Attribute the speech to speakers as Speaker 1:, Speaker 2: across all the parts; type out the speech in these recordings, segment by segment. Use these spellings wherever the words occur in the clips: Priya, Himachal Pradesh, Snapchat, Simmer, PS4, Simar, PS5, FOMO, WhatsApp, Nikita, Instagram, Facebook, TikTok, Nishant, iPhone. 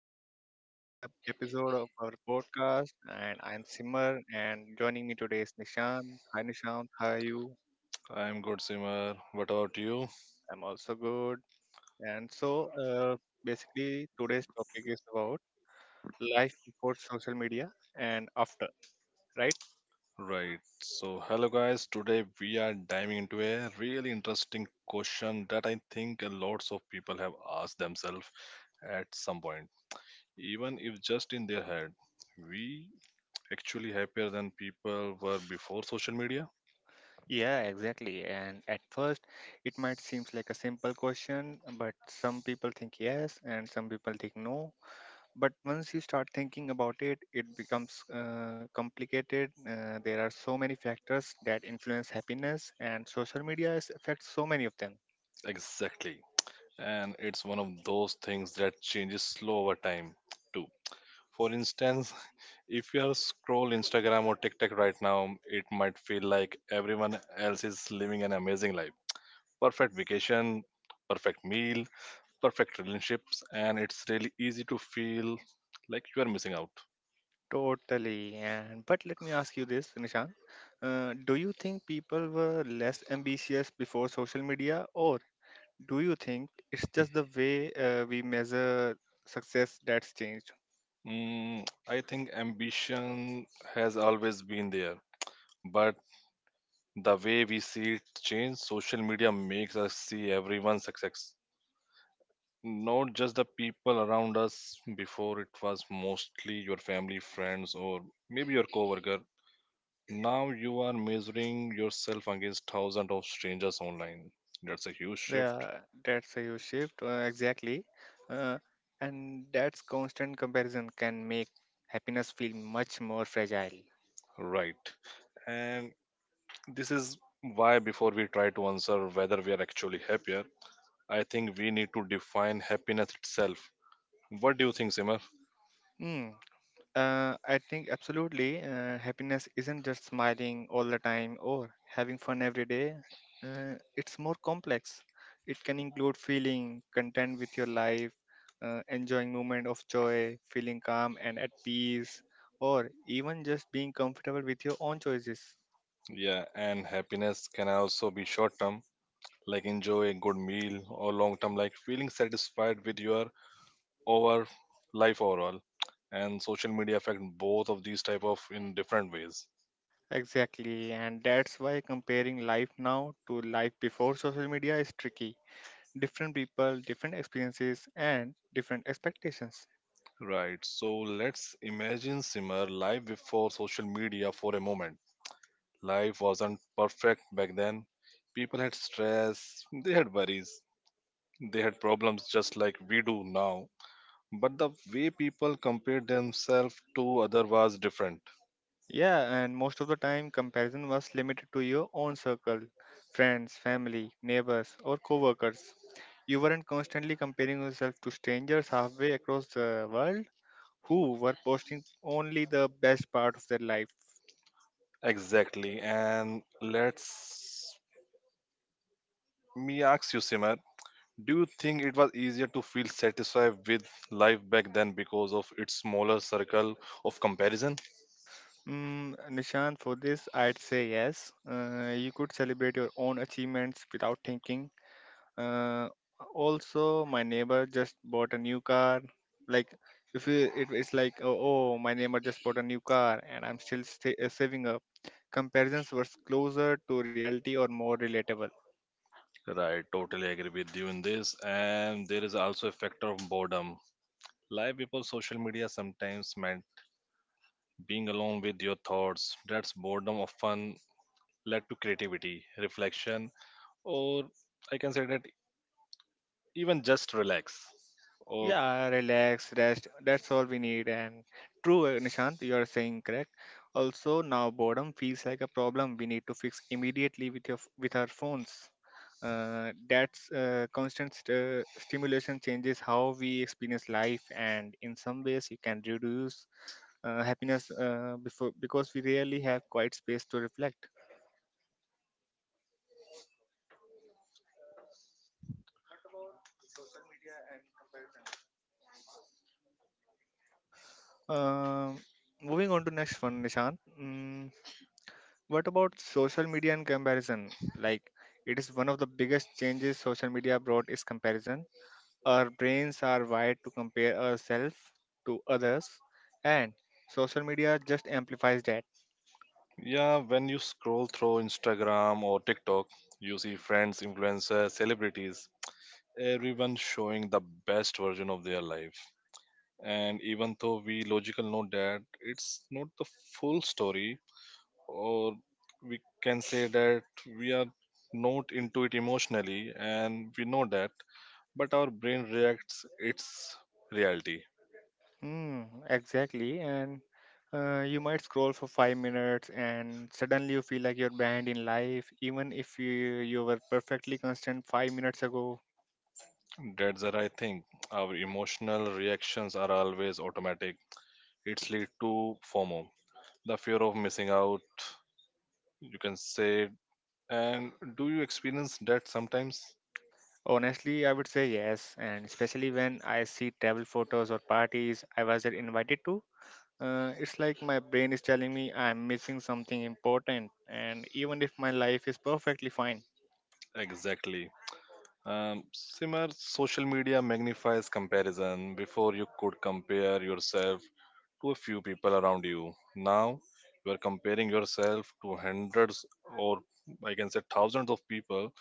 Speaker 1: welcome back to another episode of our podcast. And I'm Simmer, and joining me today is Nishant. Hi Nishant, how are you?
Speaker 2: I'm good, Simar. What about you?
Speaker 1: I'm also good. And so, uh, Basically, today's topic is about life before social media and after, right?
Speaker 2: Right. So, hello guys. Today we are diving into a really interesting question that I think a lots of people have asked themselves at some point, even if just in their head. We actually happier than people were before social media?
Speaker 1: Yeah, exactly. And at first, it might seem like a simple question, but some people think yes, and some people think no, but once you start thinking about it, it becomes complicated. There are so many factors that influence happiness, and social media affects so many of them.
Speaker 2: Exactly. And it's one of those things that changes slow over time, too. For instance, if you are scroll Instagram or TikTok right now, it might feel like everyone else is living an amazing life. Perfect vacation, perfect meal, perfect relationships, and it's really easy to feel like you are missing out.
Speaker 1: Totally. And but let me ask you this, nishan, do you think people were less ambitious before social media, or do you think it's just the way we measure success that's changed?
Speaker 2: I think ambition has always been there, but the way we see it change, social media makes us see everyone's success, not just the people around us. Before it was mostly your family friends or maybe your coworker. Now you are measuring yourself against thousands of strangers online. That's a huge shift.
Speaker 1: Yeah, that's a huge shift. Exactly. Uh, and that's constant comparison can make happiness feel much more fragile.
Speaker 2: Right, and this is why before we try to answer whether we are actually happier, I think we need to define happiness itself. What do you think, Simar?
Speaker 1: Hmm. I think absolutely. Happiness isn't just smiling all the time or having fun every day. It's more complex. It can include feeling content with your life, enjoying moment of joy, feeling calm and at peace, or even just being comfortable with your own choices.
Speaker 2: Yeah, and happiness can also be short term, like enjoy a good meal, or long term, like feeling satisfied with your over life overall. And social media affect both of these type of in different ways.
Speaker 1: Exactly, and that's why comparing life now to life before social media is tricky. Different people, different experiences, and different expectations.
Speaker 2: Right, so let's imagine, Simmer, life before social media for a moment. Life wasn't perfect back then. People had stress, they had worries, they had problems just like we do now, but the way people compared themselves to other was different.
Speaker 1: Yeah, and most of the time, comparison was limited to your own circle: friends, family, neighbors, or coworkers. You weren't constantly comparing yourself to strangers halfway across the world who were posting only the best part of their life.
Speaker 2: Exactly, and let's me ask you, Simmer, do you think it was easier to feel satisfied with life back then because of its smaller circle of comparison?
Speaker 1: Mm, Nishant, for this, I'd say yes. You could celebrate your own achievements without thinking. Uh, Also, my neighbor just bought a new car. Like, if you, it's like, oh, my neighbor just bought a new car and I'm still sta saving up. Comparisons were closer to reality or more relatable.
Speaker 2: Right, totally agree with you in this. And there is also a factor of boredom. Life before social media sometimes meant being alone with your thoughts. That's boredom often led to creativity, reflection, or I can say that even just relax. Or
Speaker 1: Yeah, relax, rest. That's all we need. And true, Nishant, you are saying correct. Also, now boredom feels like a problem we need to fix immediately with your with our phones. That's constant stimulation changes how we experience life, and in some ways, you can reduce happiness before, because we rarely have quiet space to reflect. Um Moving on to next one, Nishant. Mm, what about social media and comparison? Like, it is one of the biggest changes social media brought is comparison. Our brains are wired to compare ourselves to others, and social media just amplifies that.
Speaker 2: yeah, when you scroll through Instagram or TikTok, you see friends, influencers, celebrities, everyone showing the best version of their life. And even though we logical know that it's not the full story, or we can say that we are not into it emotionally and we know that, but our brain reacts its reality.
Speaker 1: Hmm, exactly. And you might scroll for 5 minutes, and suddenly you feel like you're behind in life, even if you were perfectly constant 5 minutes ago.
Speaker 2: That's the right thing. Our emotional reactions are always automatic. It's lead to FOMO, the fear of missing out, you can say. And do you experience that sometimes?
Speaker 1: Honestly, I would say yes, and especially when I see travel photos or parties I wasn't invited to. It's like my brain is telling me I'm missing something important, and even if my life is perfectly fine.
Speaker 2: Exactly. Simar, social media magnifies comparison. Before you could compare yourself to a few people around you. Now you are comparing yourself to hundreds, or I can say thousands of people,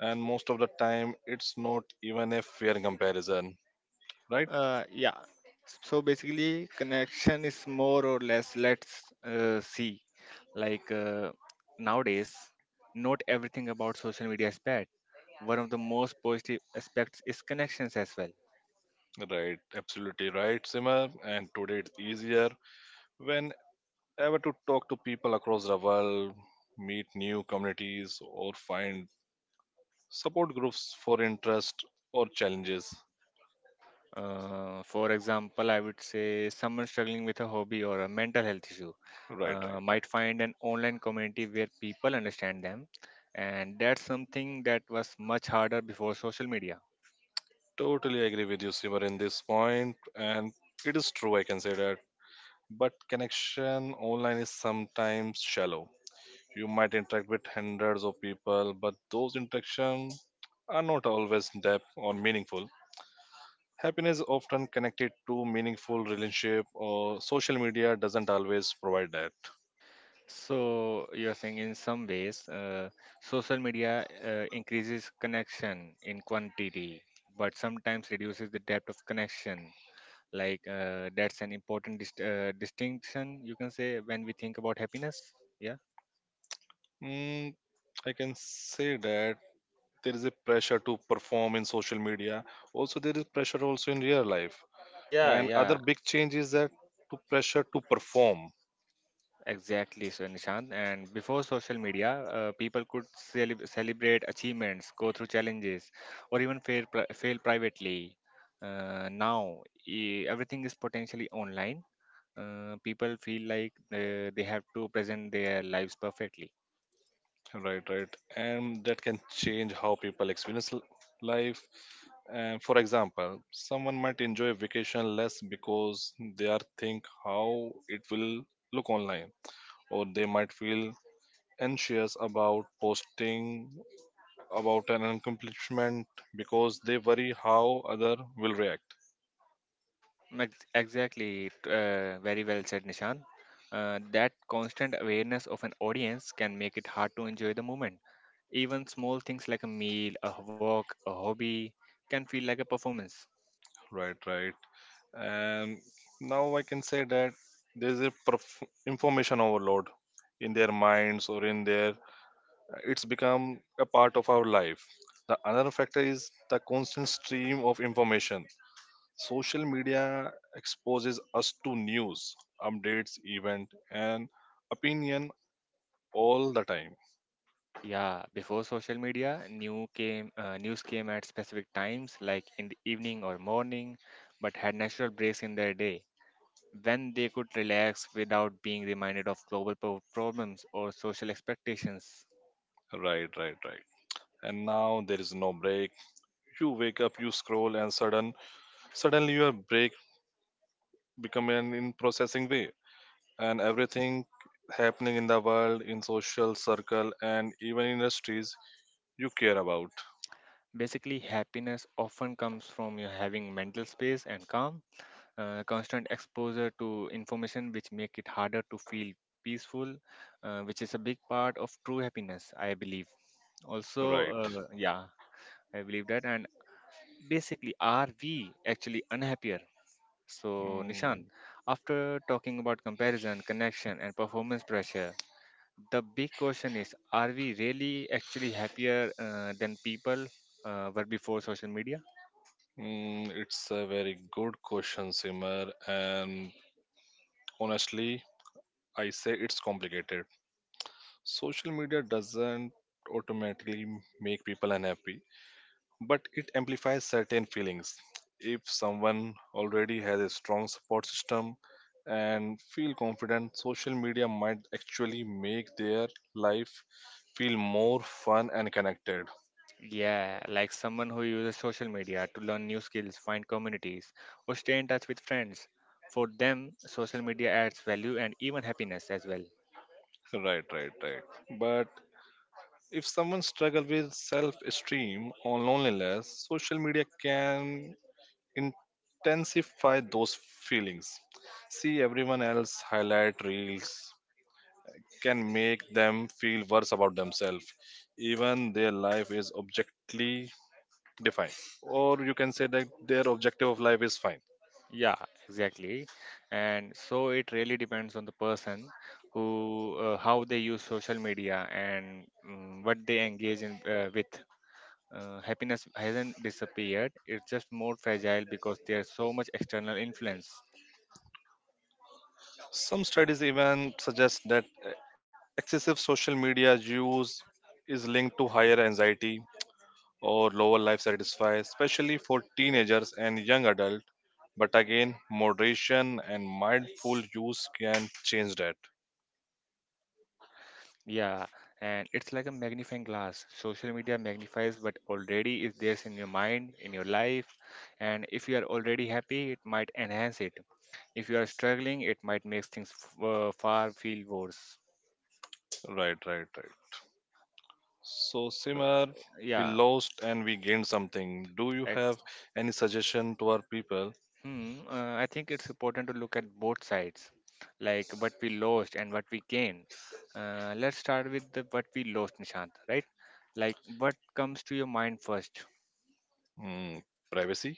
Speaker 2: and most of the time it's not even a fair comparison. Right?
Speaker 1: Yeah. So basically, connection is more or less let's see. Like uh, Nowadays, not everything about social media is bad. One of the most positive aspects is connections as well.
Speaker 2: Right. Absolutely right, Simar. And today it's easier whenever to talk to people across the world, meet new communities, or find support groups for interest or challenges.
Speaker 1: For example, I would say someone struggling with a hobby or a mental health issue
Speaker 2: Right, right,
Speaker 1: might
Speaker 2: right.
Speaker 1: find an online community where people understand them, and that's something that was much harder before social media.
Speaker 2: Totally agree with you, Simar, in this point. And it is true, I can say that, but connection online is sometimes shallow. You might interact with hundreds of people, but those interactions are not always deep or meaningful. Happiness is often connected to meaningful relationship, or social media doesn't always provide that.
Speaker 1: So you're saying in some ways, social media increases connection in quantity, but sometimes reduces the depth of connection. That's an important distinction, you can say, when we think about happiness. Yeah.
Speaker 2: mm, I can say that there is a pressure to perform in social media. Also there is pressure also in real life.
Speaker 1: Yeah,
Speaker 2: And other
Speaker 1: yeah.
Speaker 2: big change is that to pressure to perform.
Speaker 1: Exactly, so Nishant. And before social media, people could celebrate achievements, go through challenges, or even fail, pri fail privately. Now, e everything is potentially online. People feel like they have to present their lives perfectly.
Speaker 2: Right, right. And that can change how people experience life. And for example someone might enjoy vacation less because they are think how it will look online, or they might feel anxious about posting about an accomplishment because they worry how other will react.
Speaker 1: Exactly, very well said, Nishant. That constant awareness of an audience can make it hard to enjoy the moment. Even small things like a meal, a walk, a hobby can feel like a performance.
Speaker 2: Right, right. And now I can say that there's a information overload in their minds or in their. It's become a part of our life. The another factor is the constant stream of information. Social media exposes us to news, updates, event, and opinion all the time.
Speaker 1: Yeah, before social media, new came news came at specific times, like in the evening or morning, but had natural breaks in their day when they could relax without being reminded of problems or social expectations.
Speaker 2: Right, right, right. And now there is no break. You wake up, you scroll, and suddenly your break become an in processing way, and everything happening in the world, in social circle, and even industries you care about.
Speaker 1: Basically, happiness often comes from you having mental space and calm. Constant exposure to information which make it harder to feel peaceful, which is a big part of true happiness, I believe. Also,
Speaker 2: Right.
Speaker 1: yeah. I believe that, and basically, are we actually unhappier? So, Nishan,
Speaker 2: Mm,
Speaker 1: after talking about comparison, connection, and performance pressure, the big question is, are we really actually happier than people were before social media?
Speaker 2: it's a very good question, Simar, and honestly, I say it's complicated. Social media doesn't automatically make people unhappy, but it amplifies certain feelings. If someone already has a strong support system and feel confident, social media might actually make their life feel more fun and connected.
Speaker 1: Yeah, like someone who uses social media to learn new skills, find communities, or stay in touch with friends. For them, social media adds value and even happiness as well.
Speaker 2: Right, right, right. But if someone struggles with self-esteem or loneliness, social media can intensify those feelings. See everyone else highlight reels, can make them feel worse about themselves, even their life is objectively defined. Or you can say that their objective of life is fine.
Speaker 1: Yeah, exactly. And so it really depends on the person who, how they use social media and what they engage in with. Happiness hasn't disappeared, it's just more fragile because there's so much external influence.
Speaker 2: Some studies even suggest that excessive social media use is linked to higher anxiety or lower life satisfaction, especially for teenagers and young adults. But again, moderation and mindful use can change that.
Speaker 1: Yeah, and it's like a magnifying glass. Social media magnifies what already is there in your mind, in your life, and if you are already happy, it might enhance it. If you are struggling, it might make things f- far feel worse.
Speaker 2: Right, right, right. So,
Speaker 1: Uh,
Speaker 2: Simar, we
Speaker 1: Yeah,
Speaker 2: lost and we gained something. Do you
Speaker 1: ex-
Speaker 2: have any suggestion to our people?
Speaker 1: hmm, I think it's important to look at both sides, like what we lost and what we gained. Let's start with the what we lost, Nishant, right? Like what comes to your mind first?
Speaker 2: Hmm, privacy?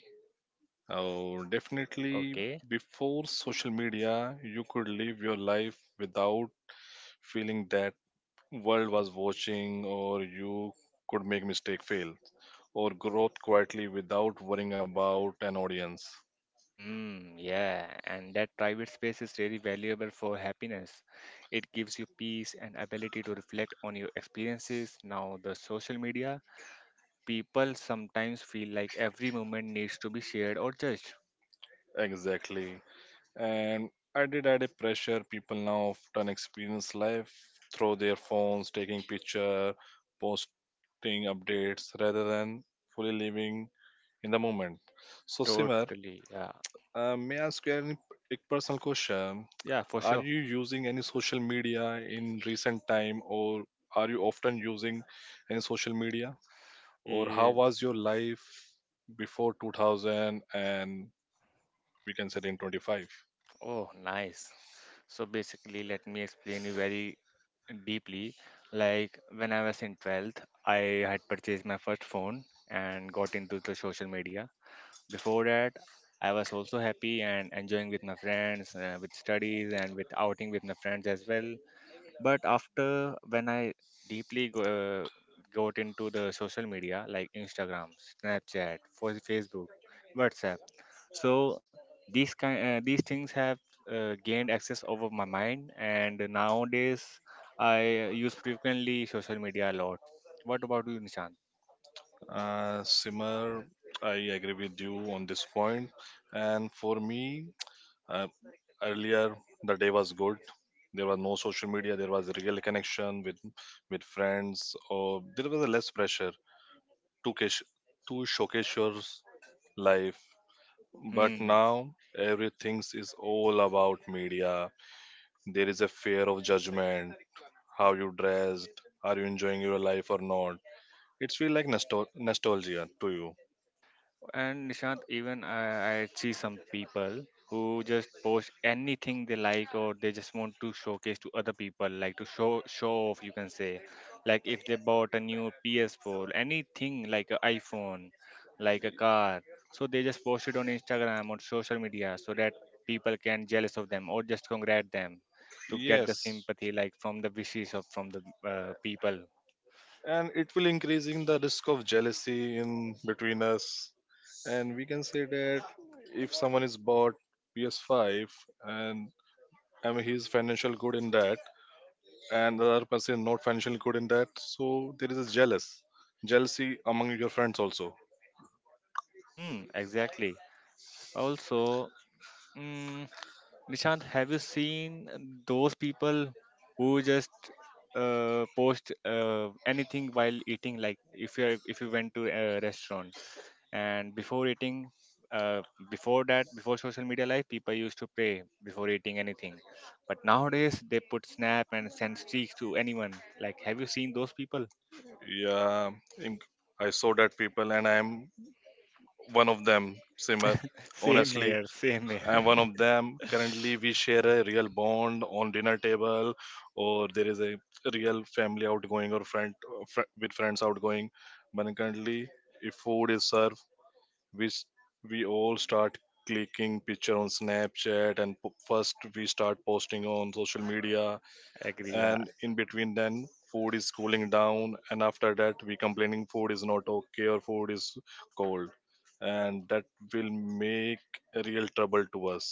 Speaker 2: Oh, definitely.
Speaker 1: Okay.
Speaker 2: Before social media, you could live your life without feeling that world was watching, or you could make mistake, fail, or grow up quietly without worrying about an audience.
Speaker 1: Mm, yeah, and that private space is really valuable for happiness. It gives you peace and ability to reflect on your experiences. Now, the social media, people sometimes feel like every moment needs to be shared or judged.
Speaker 2: Exactly. And I did add a pressure. People now often experience life through their phones, taking picture, posting updates, rather than fully living in the moment. So, Simar,
Speaker 1: Totally, yeah,
Speaker 2: may I ask you any, a personal question?
Speaker 1: yeah, for
Speaker 2: Are
Speaker 1: sure.
Speaker 2: you using any social media in recent time, or are you often using any social media? Or how
Speaker 1: Eh,
Speaker 2: was your life before 2000 and we can say in 25?
Speaker 1: oh, nice. So basically, let me explain you very deeply. Like when I was in 12th, I had purchased my first phone and got into the social media. Before that, I was also happy and enjoying with my friends, with studies, and with outing with my friends as well. But after when I deeply got into the social media, like Instagram, Snapchat, for Facebook, WhatsApp. So these things have gained access over my mind, and nowadays I use frequently social media a lot. What about you, Nishant?
Speaker 2: Simar, I agree with you on this point. And for me, uh, earlier the day was good. There was no social media. There was real connection with friends, or there was less pressure to cash, to showcase your life. But
Speaker 1: Hmm.
Speaker 2: now everything is all about media. There is a fear of judgment. How you dressed? Are you enjoying your life or not? It's feel like nostalgia to you.
Speaker 1: And Nishant, even I see some people who just post anything they like, or they just want to showcase to other people, like to show off, you can say. Like if they bought a new PS4, anything like an iPhone, like a car. So they just post it on Instagram or social media so that people can jealous of them, or just congrat them to get the
Speaker 2: Yes,
Speaker 1: sympathy, like from the wishes of from the people.
Speaker 2: and it will increasing the risk of jealousy in between us. And we can say that if someone is bought PS5, and I mean he's financial good in that, and the other person is not financial good in that, so there is a jealousy among your friends also.
Speaker 1: Hmm, exactly. Also, mm, Nishant, have you seen those people who just post anything while eating? Like if you went to a restaurant and before eating, uh, before that, before social media life, people used to pray before eating anything. But nowadays, they put snap and send streaks to anyone. Like, have you seen those people?
Speaker 2: Yeah, in- I saw that people, and I am one of them. Simmer,
Speaker 1: Same
Speaker 2: honestly,
Speaker 1: here, same here.
Speaker 2: I'm one of them. Currently, we share a real bond on dinner table, or there is a real family outgoing or friend with friends outgoing. But currently, if food is served, we s- we all start clicking picture on Snapchat, and first we start posting on social media,
Speaker 1: Agree. Yeah,
Speaker 2: and in between then food is cooling down, and after that we complaining food is not okay or food is cold, and that will make a real trouble to us.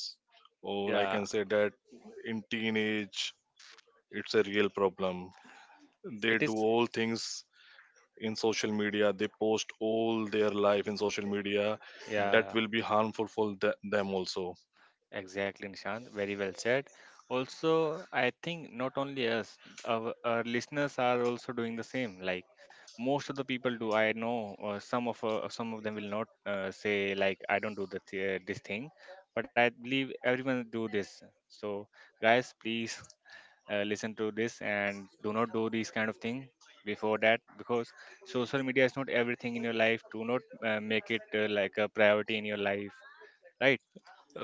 Speaker 2: Or I
Speaker 1: yeah.
Speaker 2: can say that in teenage it's a real problem. They
Speaker 1: It
Speaker 2: do
Speaker 1: is.
Speaker 2: all things in social media. They post all their life in social media. That
Speaker 1: Yeah.
Speaker 2: will be harmful for them also.
Speaker 1: Exactly, Nishant. Very well said. Also, I think not only us, our listeners are also doing the same. Like most of the people do. I know some of them will not say like I don't do this thing, but I believe everyone do this. So guys, please listen to this and do not do these kind of thing before that, because social media is not everything in your life. Do not make it like a priority in your life, right?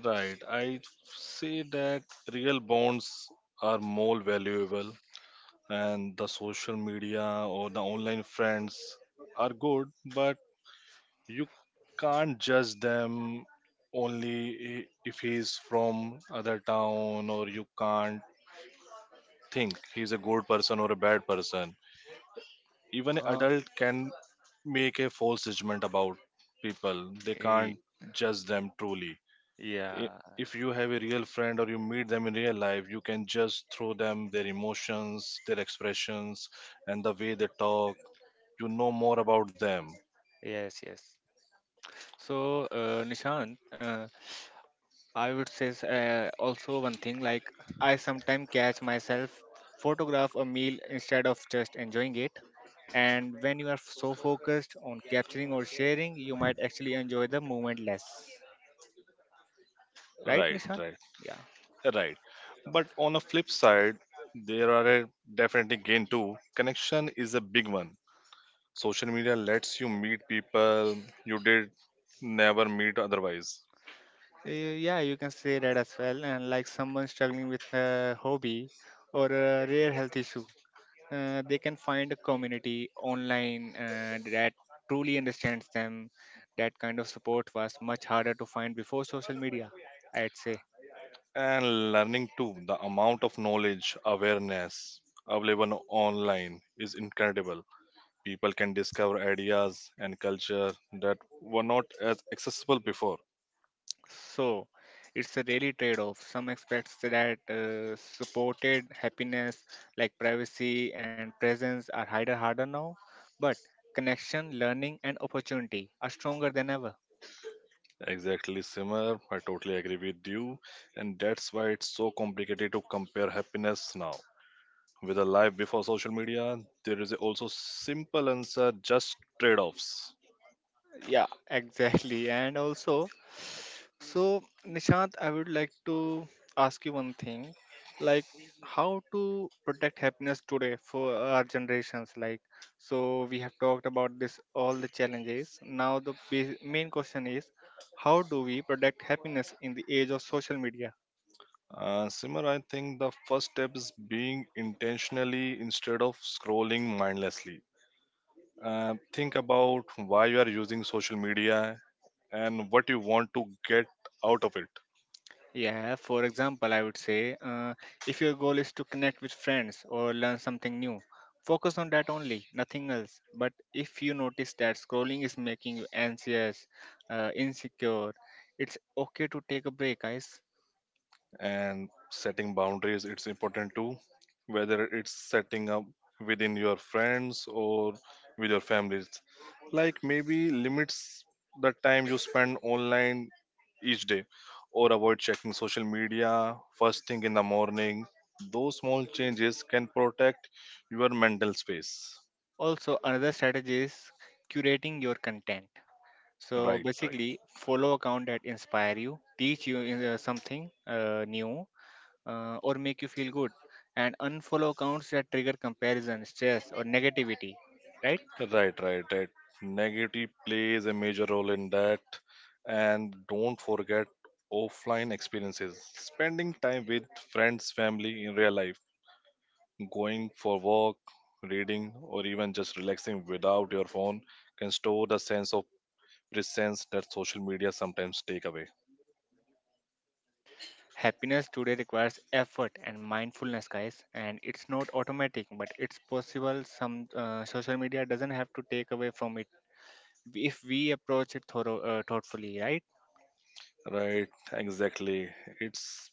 Speaker 2: Right, I say that real bonds are more valuable, and the social media or the online friends are good, but you can't judge them. Only if he's from other town, or you can't think he's a good person or a bad person. Even an
Speaker 1: Uh,
Speaker 2: adult can make a false judgment about people. They can't judge them truly. I-
Speaker 1: Yeah,
Speaker 2: if you have a real friend or you meet them in real life, you can just throw them their emotions, their expressions, and the way they talk, you know more about them.
Speaker 1: yes, yes. So, Nishant, I would say also one thing, like I sometimes catch myself photograph a meal instead of just enjoying it. And when you are so focused on capturing or sharing, you might actually enjoy the moment less. Right,
Speaker 2: Right,
Speaker 1: Nishant?
Speaker 2: right,
Speaker 1: Yeah.
Speaker 2: right. But on a flip side, there are a definitely gain too. Connection is a big one. Social media lets you meet people you did never meet otherwise.
Speaker 1: Yeah, you can say that as well. And like someone struggling with a hobby or a rare health issue, they can find a community online that truly understands them. That kind of support was much harder to find before social media, I'd say.
Speaker 2: And learning too, the amount of knowledge, awareness available online is incredible. People can discover ideas and culture that were not as accessible before.
Speaker 1: So it's a really trade off. Some aspects that supported happiness, like privacy and presence, are harder now, but connection, learning, and opportunity are stronger than ever.
Speaker 2: Exactly, Simar. I totally agree with you. And that's why it's so complicated to compare happiness now. With a life before social media, there is also simple answer, just trade-offs.
Speaker 1: Yeah, exactly. And also, so Nishant, I would like to ask you one thing, like how to protect happiness today for our generations. Like, so we have talked about this all the challenges. Now the main question is, how do we protect happiness in the age of social media?
Speaker 2: Simar, I think the first step is being intentionally instead of scrolling mindlessly. Think about why you are using social media and what you want to get out of it.
Speaker 1: Yeah, for example, I would say, if your goal is to connect with friends or learn something new, focus on that only, nothing else. But if you notice that scrolling is making you anxious, insecure, it's okay to take a break, guys.
Speaker 2: And setting boundaries it's important too, whether it's setting up within your friends or with your families, like maybe limits the time you spend online each day, or avoid checking social media first thing in the morning. Those small changes can protect your mental space.
Speaker 1: Also, another strategy is curating your content. So
Speaker 2: Right, right.
Speaker 1: basically, follow account that inspire you, teach you something new, or make you feel good, and unfollow accounts that trigger comparison, stress, or negativity, right?
Speaker 2: Right, right, right. Negative plays a major role in that. And don't forget offline experiences. Spending time with friends, family in real life, going for walk, reading, or even just relaxing without your phone can store the sense of presence that social media sometimes take away.
Speaker 1: Happiness today requires effort and mindfulness, guys, and it's not automatic, but it's possible. Some, social media doesn't have to take away from it if we approach it thorough, thoughtfully, right?
Speaker 2: Right, exactly. It's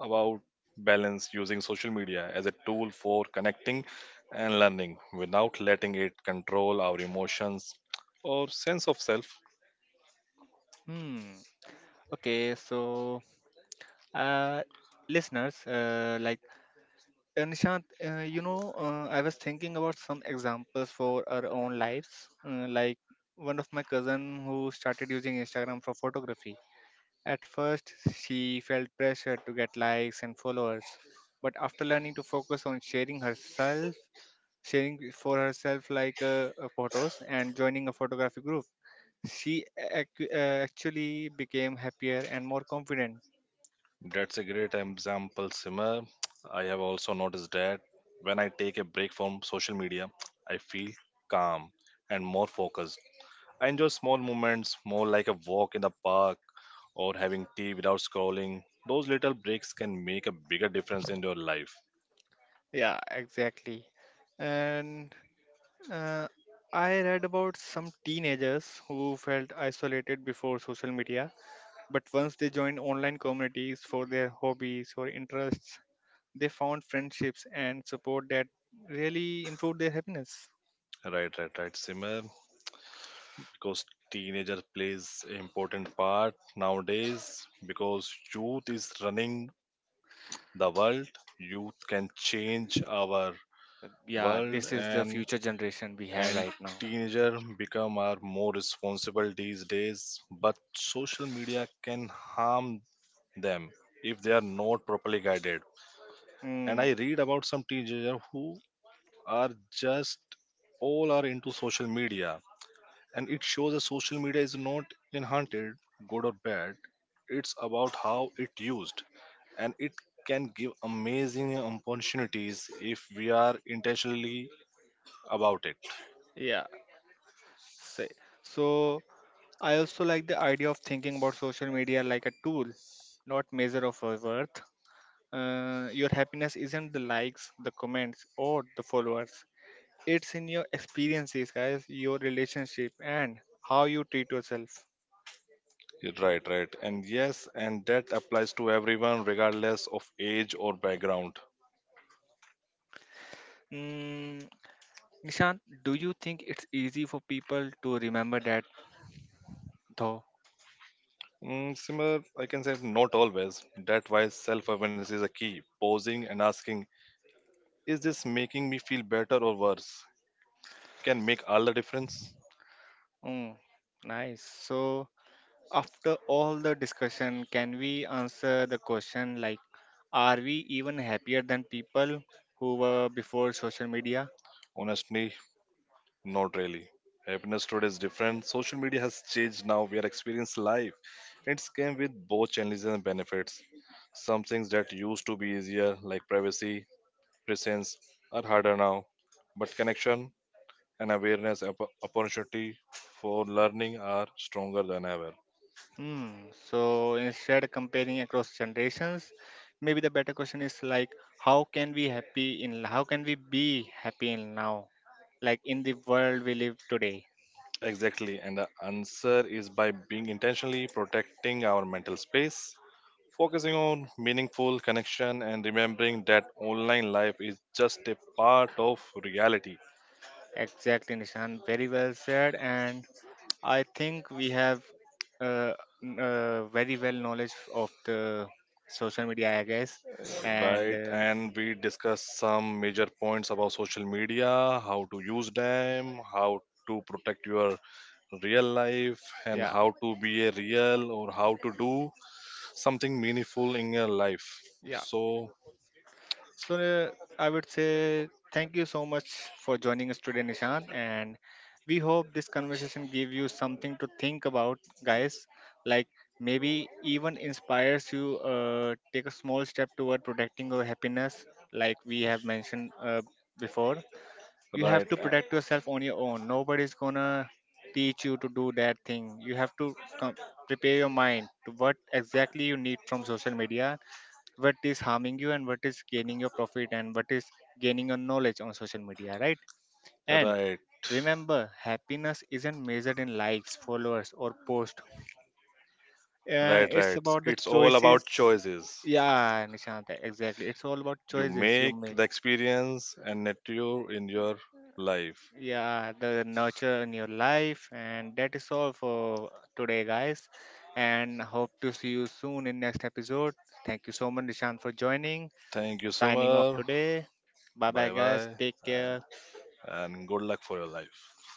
Speaker 2: about balance, using social media as a tool for connecting and learning without letting it control our emotions or sense of self.
Speaker 1: Hmm. Okay, so uh listeners, like Nishant, I was thinking about some examples for our own lives. Like one of my cousin who started using Instagram for photography. At first, she felt pressure to get likes and followers, but after learning to focus on sharing herself, sharing for herself, like photos and joining a photography group, actually became happier and more confident.
Speaker 2: That's a great example, Simmer. I have also noticed that when I take a break from social media, I feel calm and more focused. I enjoy small moments more, like a walk in the park or having tea without scrolling. Those little breaks can make a bigger difference in your life.
Speaker 1: Yeah, exactly. and. Uh, I read about some teenagers who felt isolated before social media, but once they joined online communities for their hobbies or interests, they found friendships and support that really improved their happiness.
Speaker 2: Right, right, right, Simmer. Because teenager plays an important part nowadays, because youth is running the world. Youth can change our
Speaker 1: Yeah,
Speaker 2: world.
Speaker 1: this is the
Speaker 2: and
Speaker 1: future generation we have
Speaker 2: and
Speaker 1: right now.
Speaker 2: teenager become are more responsible these days, but social media can harm them if they are not properly guided. And I
Speaker 1: Mm.
Speaker 2: read about some teenager who are just all are into social media, and it shows that social media is not inherited good or bad. It's about how it used, and it can give amazing opportunities if we are intentionally about
Speaker 1: Yeah. Say. So I also like the idea of thinking about social media like a tool, not measure of our worth. Your happiness isn't the likes, the comments, or the followers. It's in your experiences, guys, your relationship, and how you treat yourself.
Speaker 2: it. Right, right. And yes, and that applies to everyone regardless of age or background.
Speaker 1: Mm. Nishant, do you think it's easy for people to remember that though?
Speaker 2: Similar, I can say not always. That why self awareness is a key. Pausing and asking, is this making me feel better or worse? Can make all the difference.
Speaker 1: Mm, nice. So, after all the discussion, can we answer the question like, are we even happier than people who were before social media?
Speaker 2: Honestly, not really. Happiness today is different. Social media has changed now. We are experiencing life. It's came with both challenges and benefits. Some things that used to be easier, like privacy, presence, are harder now. But connection and awareness, opportunity for learning are stronger than ever.
Speaker 1: Hmm. So instead comparing across generations, maybe the better question is like, how can we be happy in now, like in the world we live today?
Speaker 2: Exactly, and the answer is by being intentionally protecting our mental space, focusing on meaningful connection, and remembering that online life is just a part of reality.
Speaker 1: Exactly, Nishan. Very well said. And I think we have uh, very well knowledge of the social media, I guess. And
Speaker 2: Right, and we discuss some major points about social media, how to use them, how to protect your real life, and
Speaker 1: yeah,
Speaker 2: how to be a real, or how to do something meaningful in your life.
Speaker 1: yeah.
Speaker 2: So
Speaker 1: So I would say thank you so much for joining us today, Nishan, and we hope this conversation gave you something to think about, guys. Like maybe even inspires you take a small step toward protecting your happiness, like we have mentioned before. You have
Speaker 2: right,
Speaker 1: to protect yourself on your own. Nobody's gonna teach you to do that thing. You have to prepare your mind to what exactly you need from social media, what is harming you, and what is gaining your profit, and what is gaining your knowledge on social media, right? And
Speaker 2: right,
Speaker 1: remember, happiness isn't measured in likes, followers, or post.
Speaker 2: right,
Speaker 1: It's
Speaker 2: right.
Speaker 1: about the
Speaker 2: It's all
Speaker 1: choices.
Speaker 2: about choices.
Speaker 1: Yeah, Nishant, exactly, it's all about
Speaker 2: You
Speaker 1: choices you
Speaker 2: make
Speaker 1: make.
Speaker 2: the experience and nature in your life.
Speaker 1: Yeah, the nurture in your life, and that is all for today, guys. And hope to see you soon in next episode. Thank you so much, Nishant, for joining.
Speaker 2: Thank you,
Speaker 1: Signing off
Speaker 2: Summer.
Speaker 1: today. Bye bye,
Speaker 2: Bye
Speaker 1: guys,
Speaker 2: bye.
Speaker 1: take
Speaker 2: Uh,
Speaker 1: care.
Speaker 2: And good luck for your life.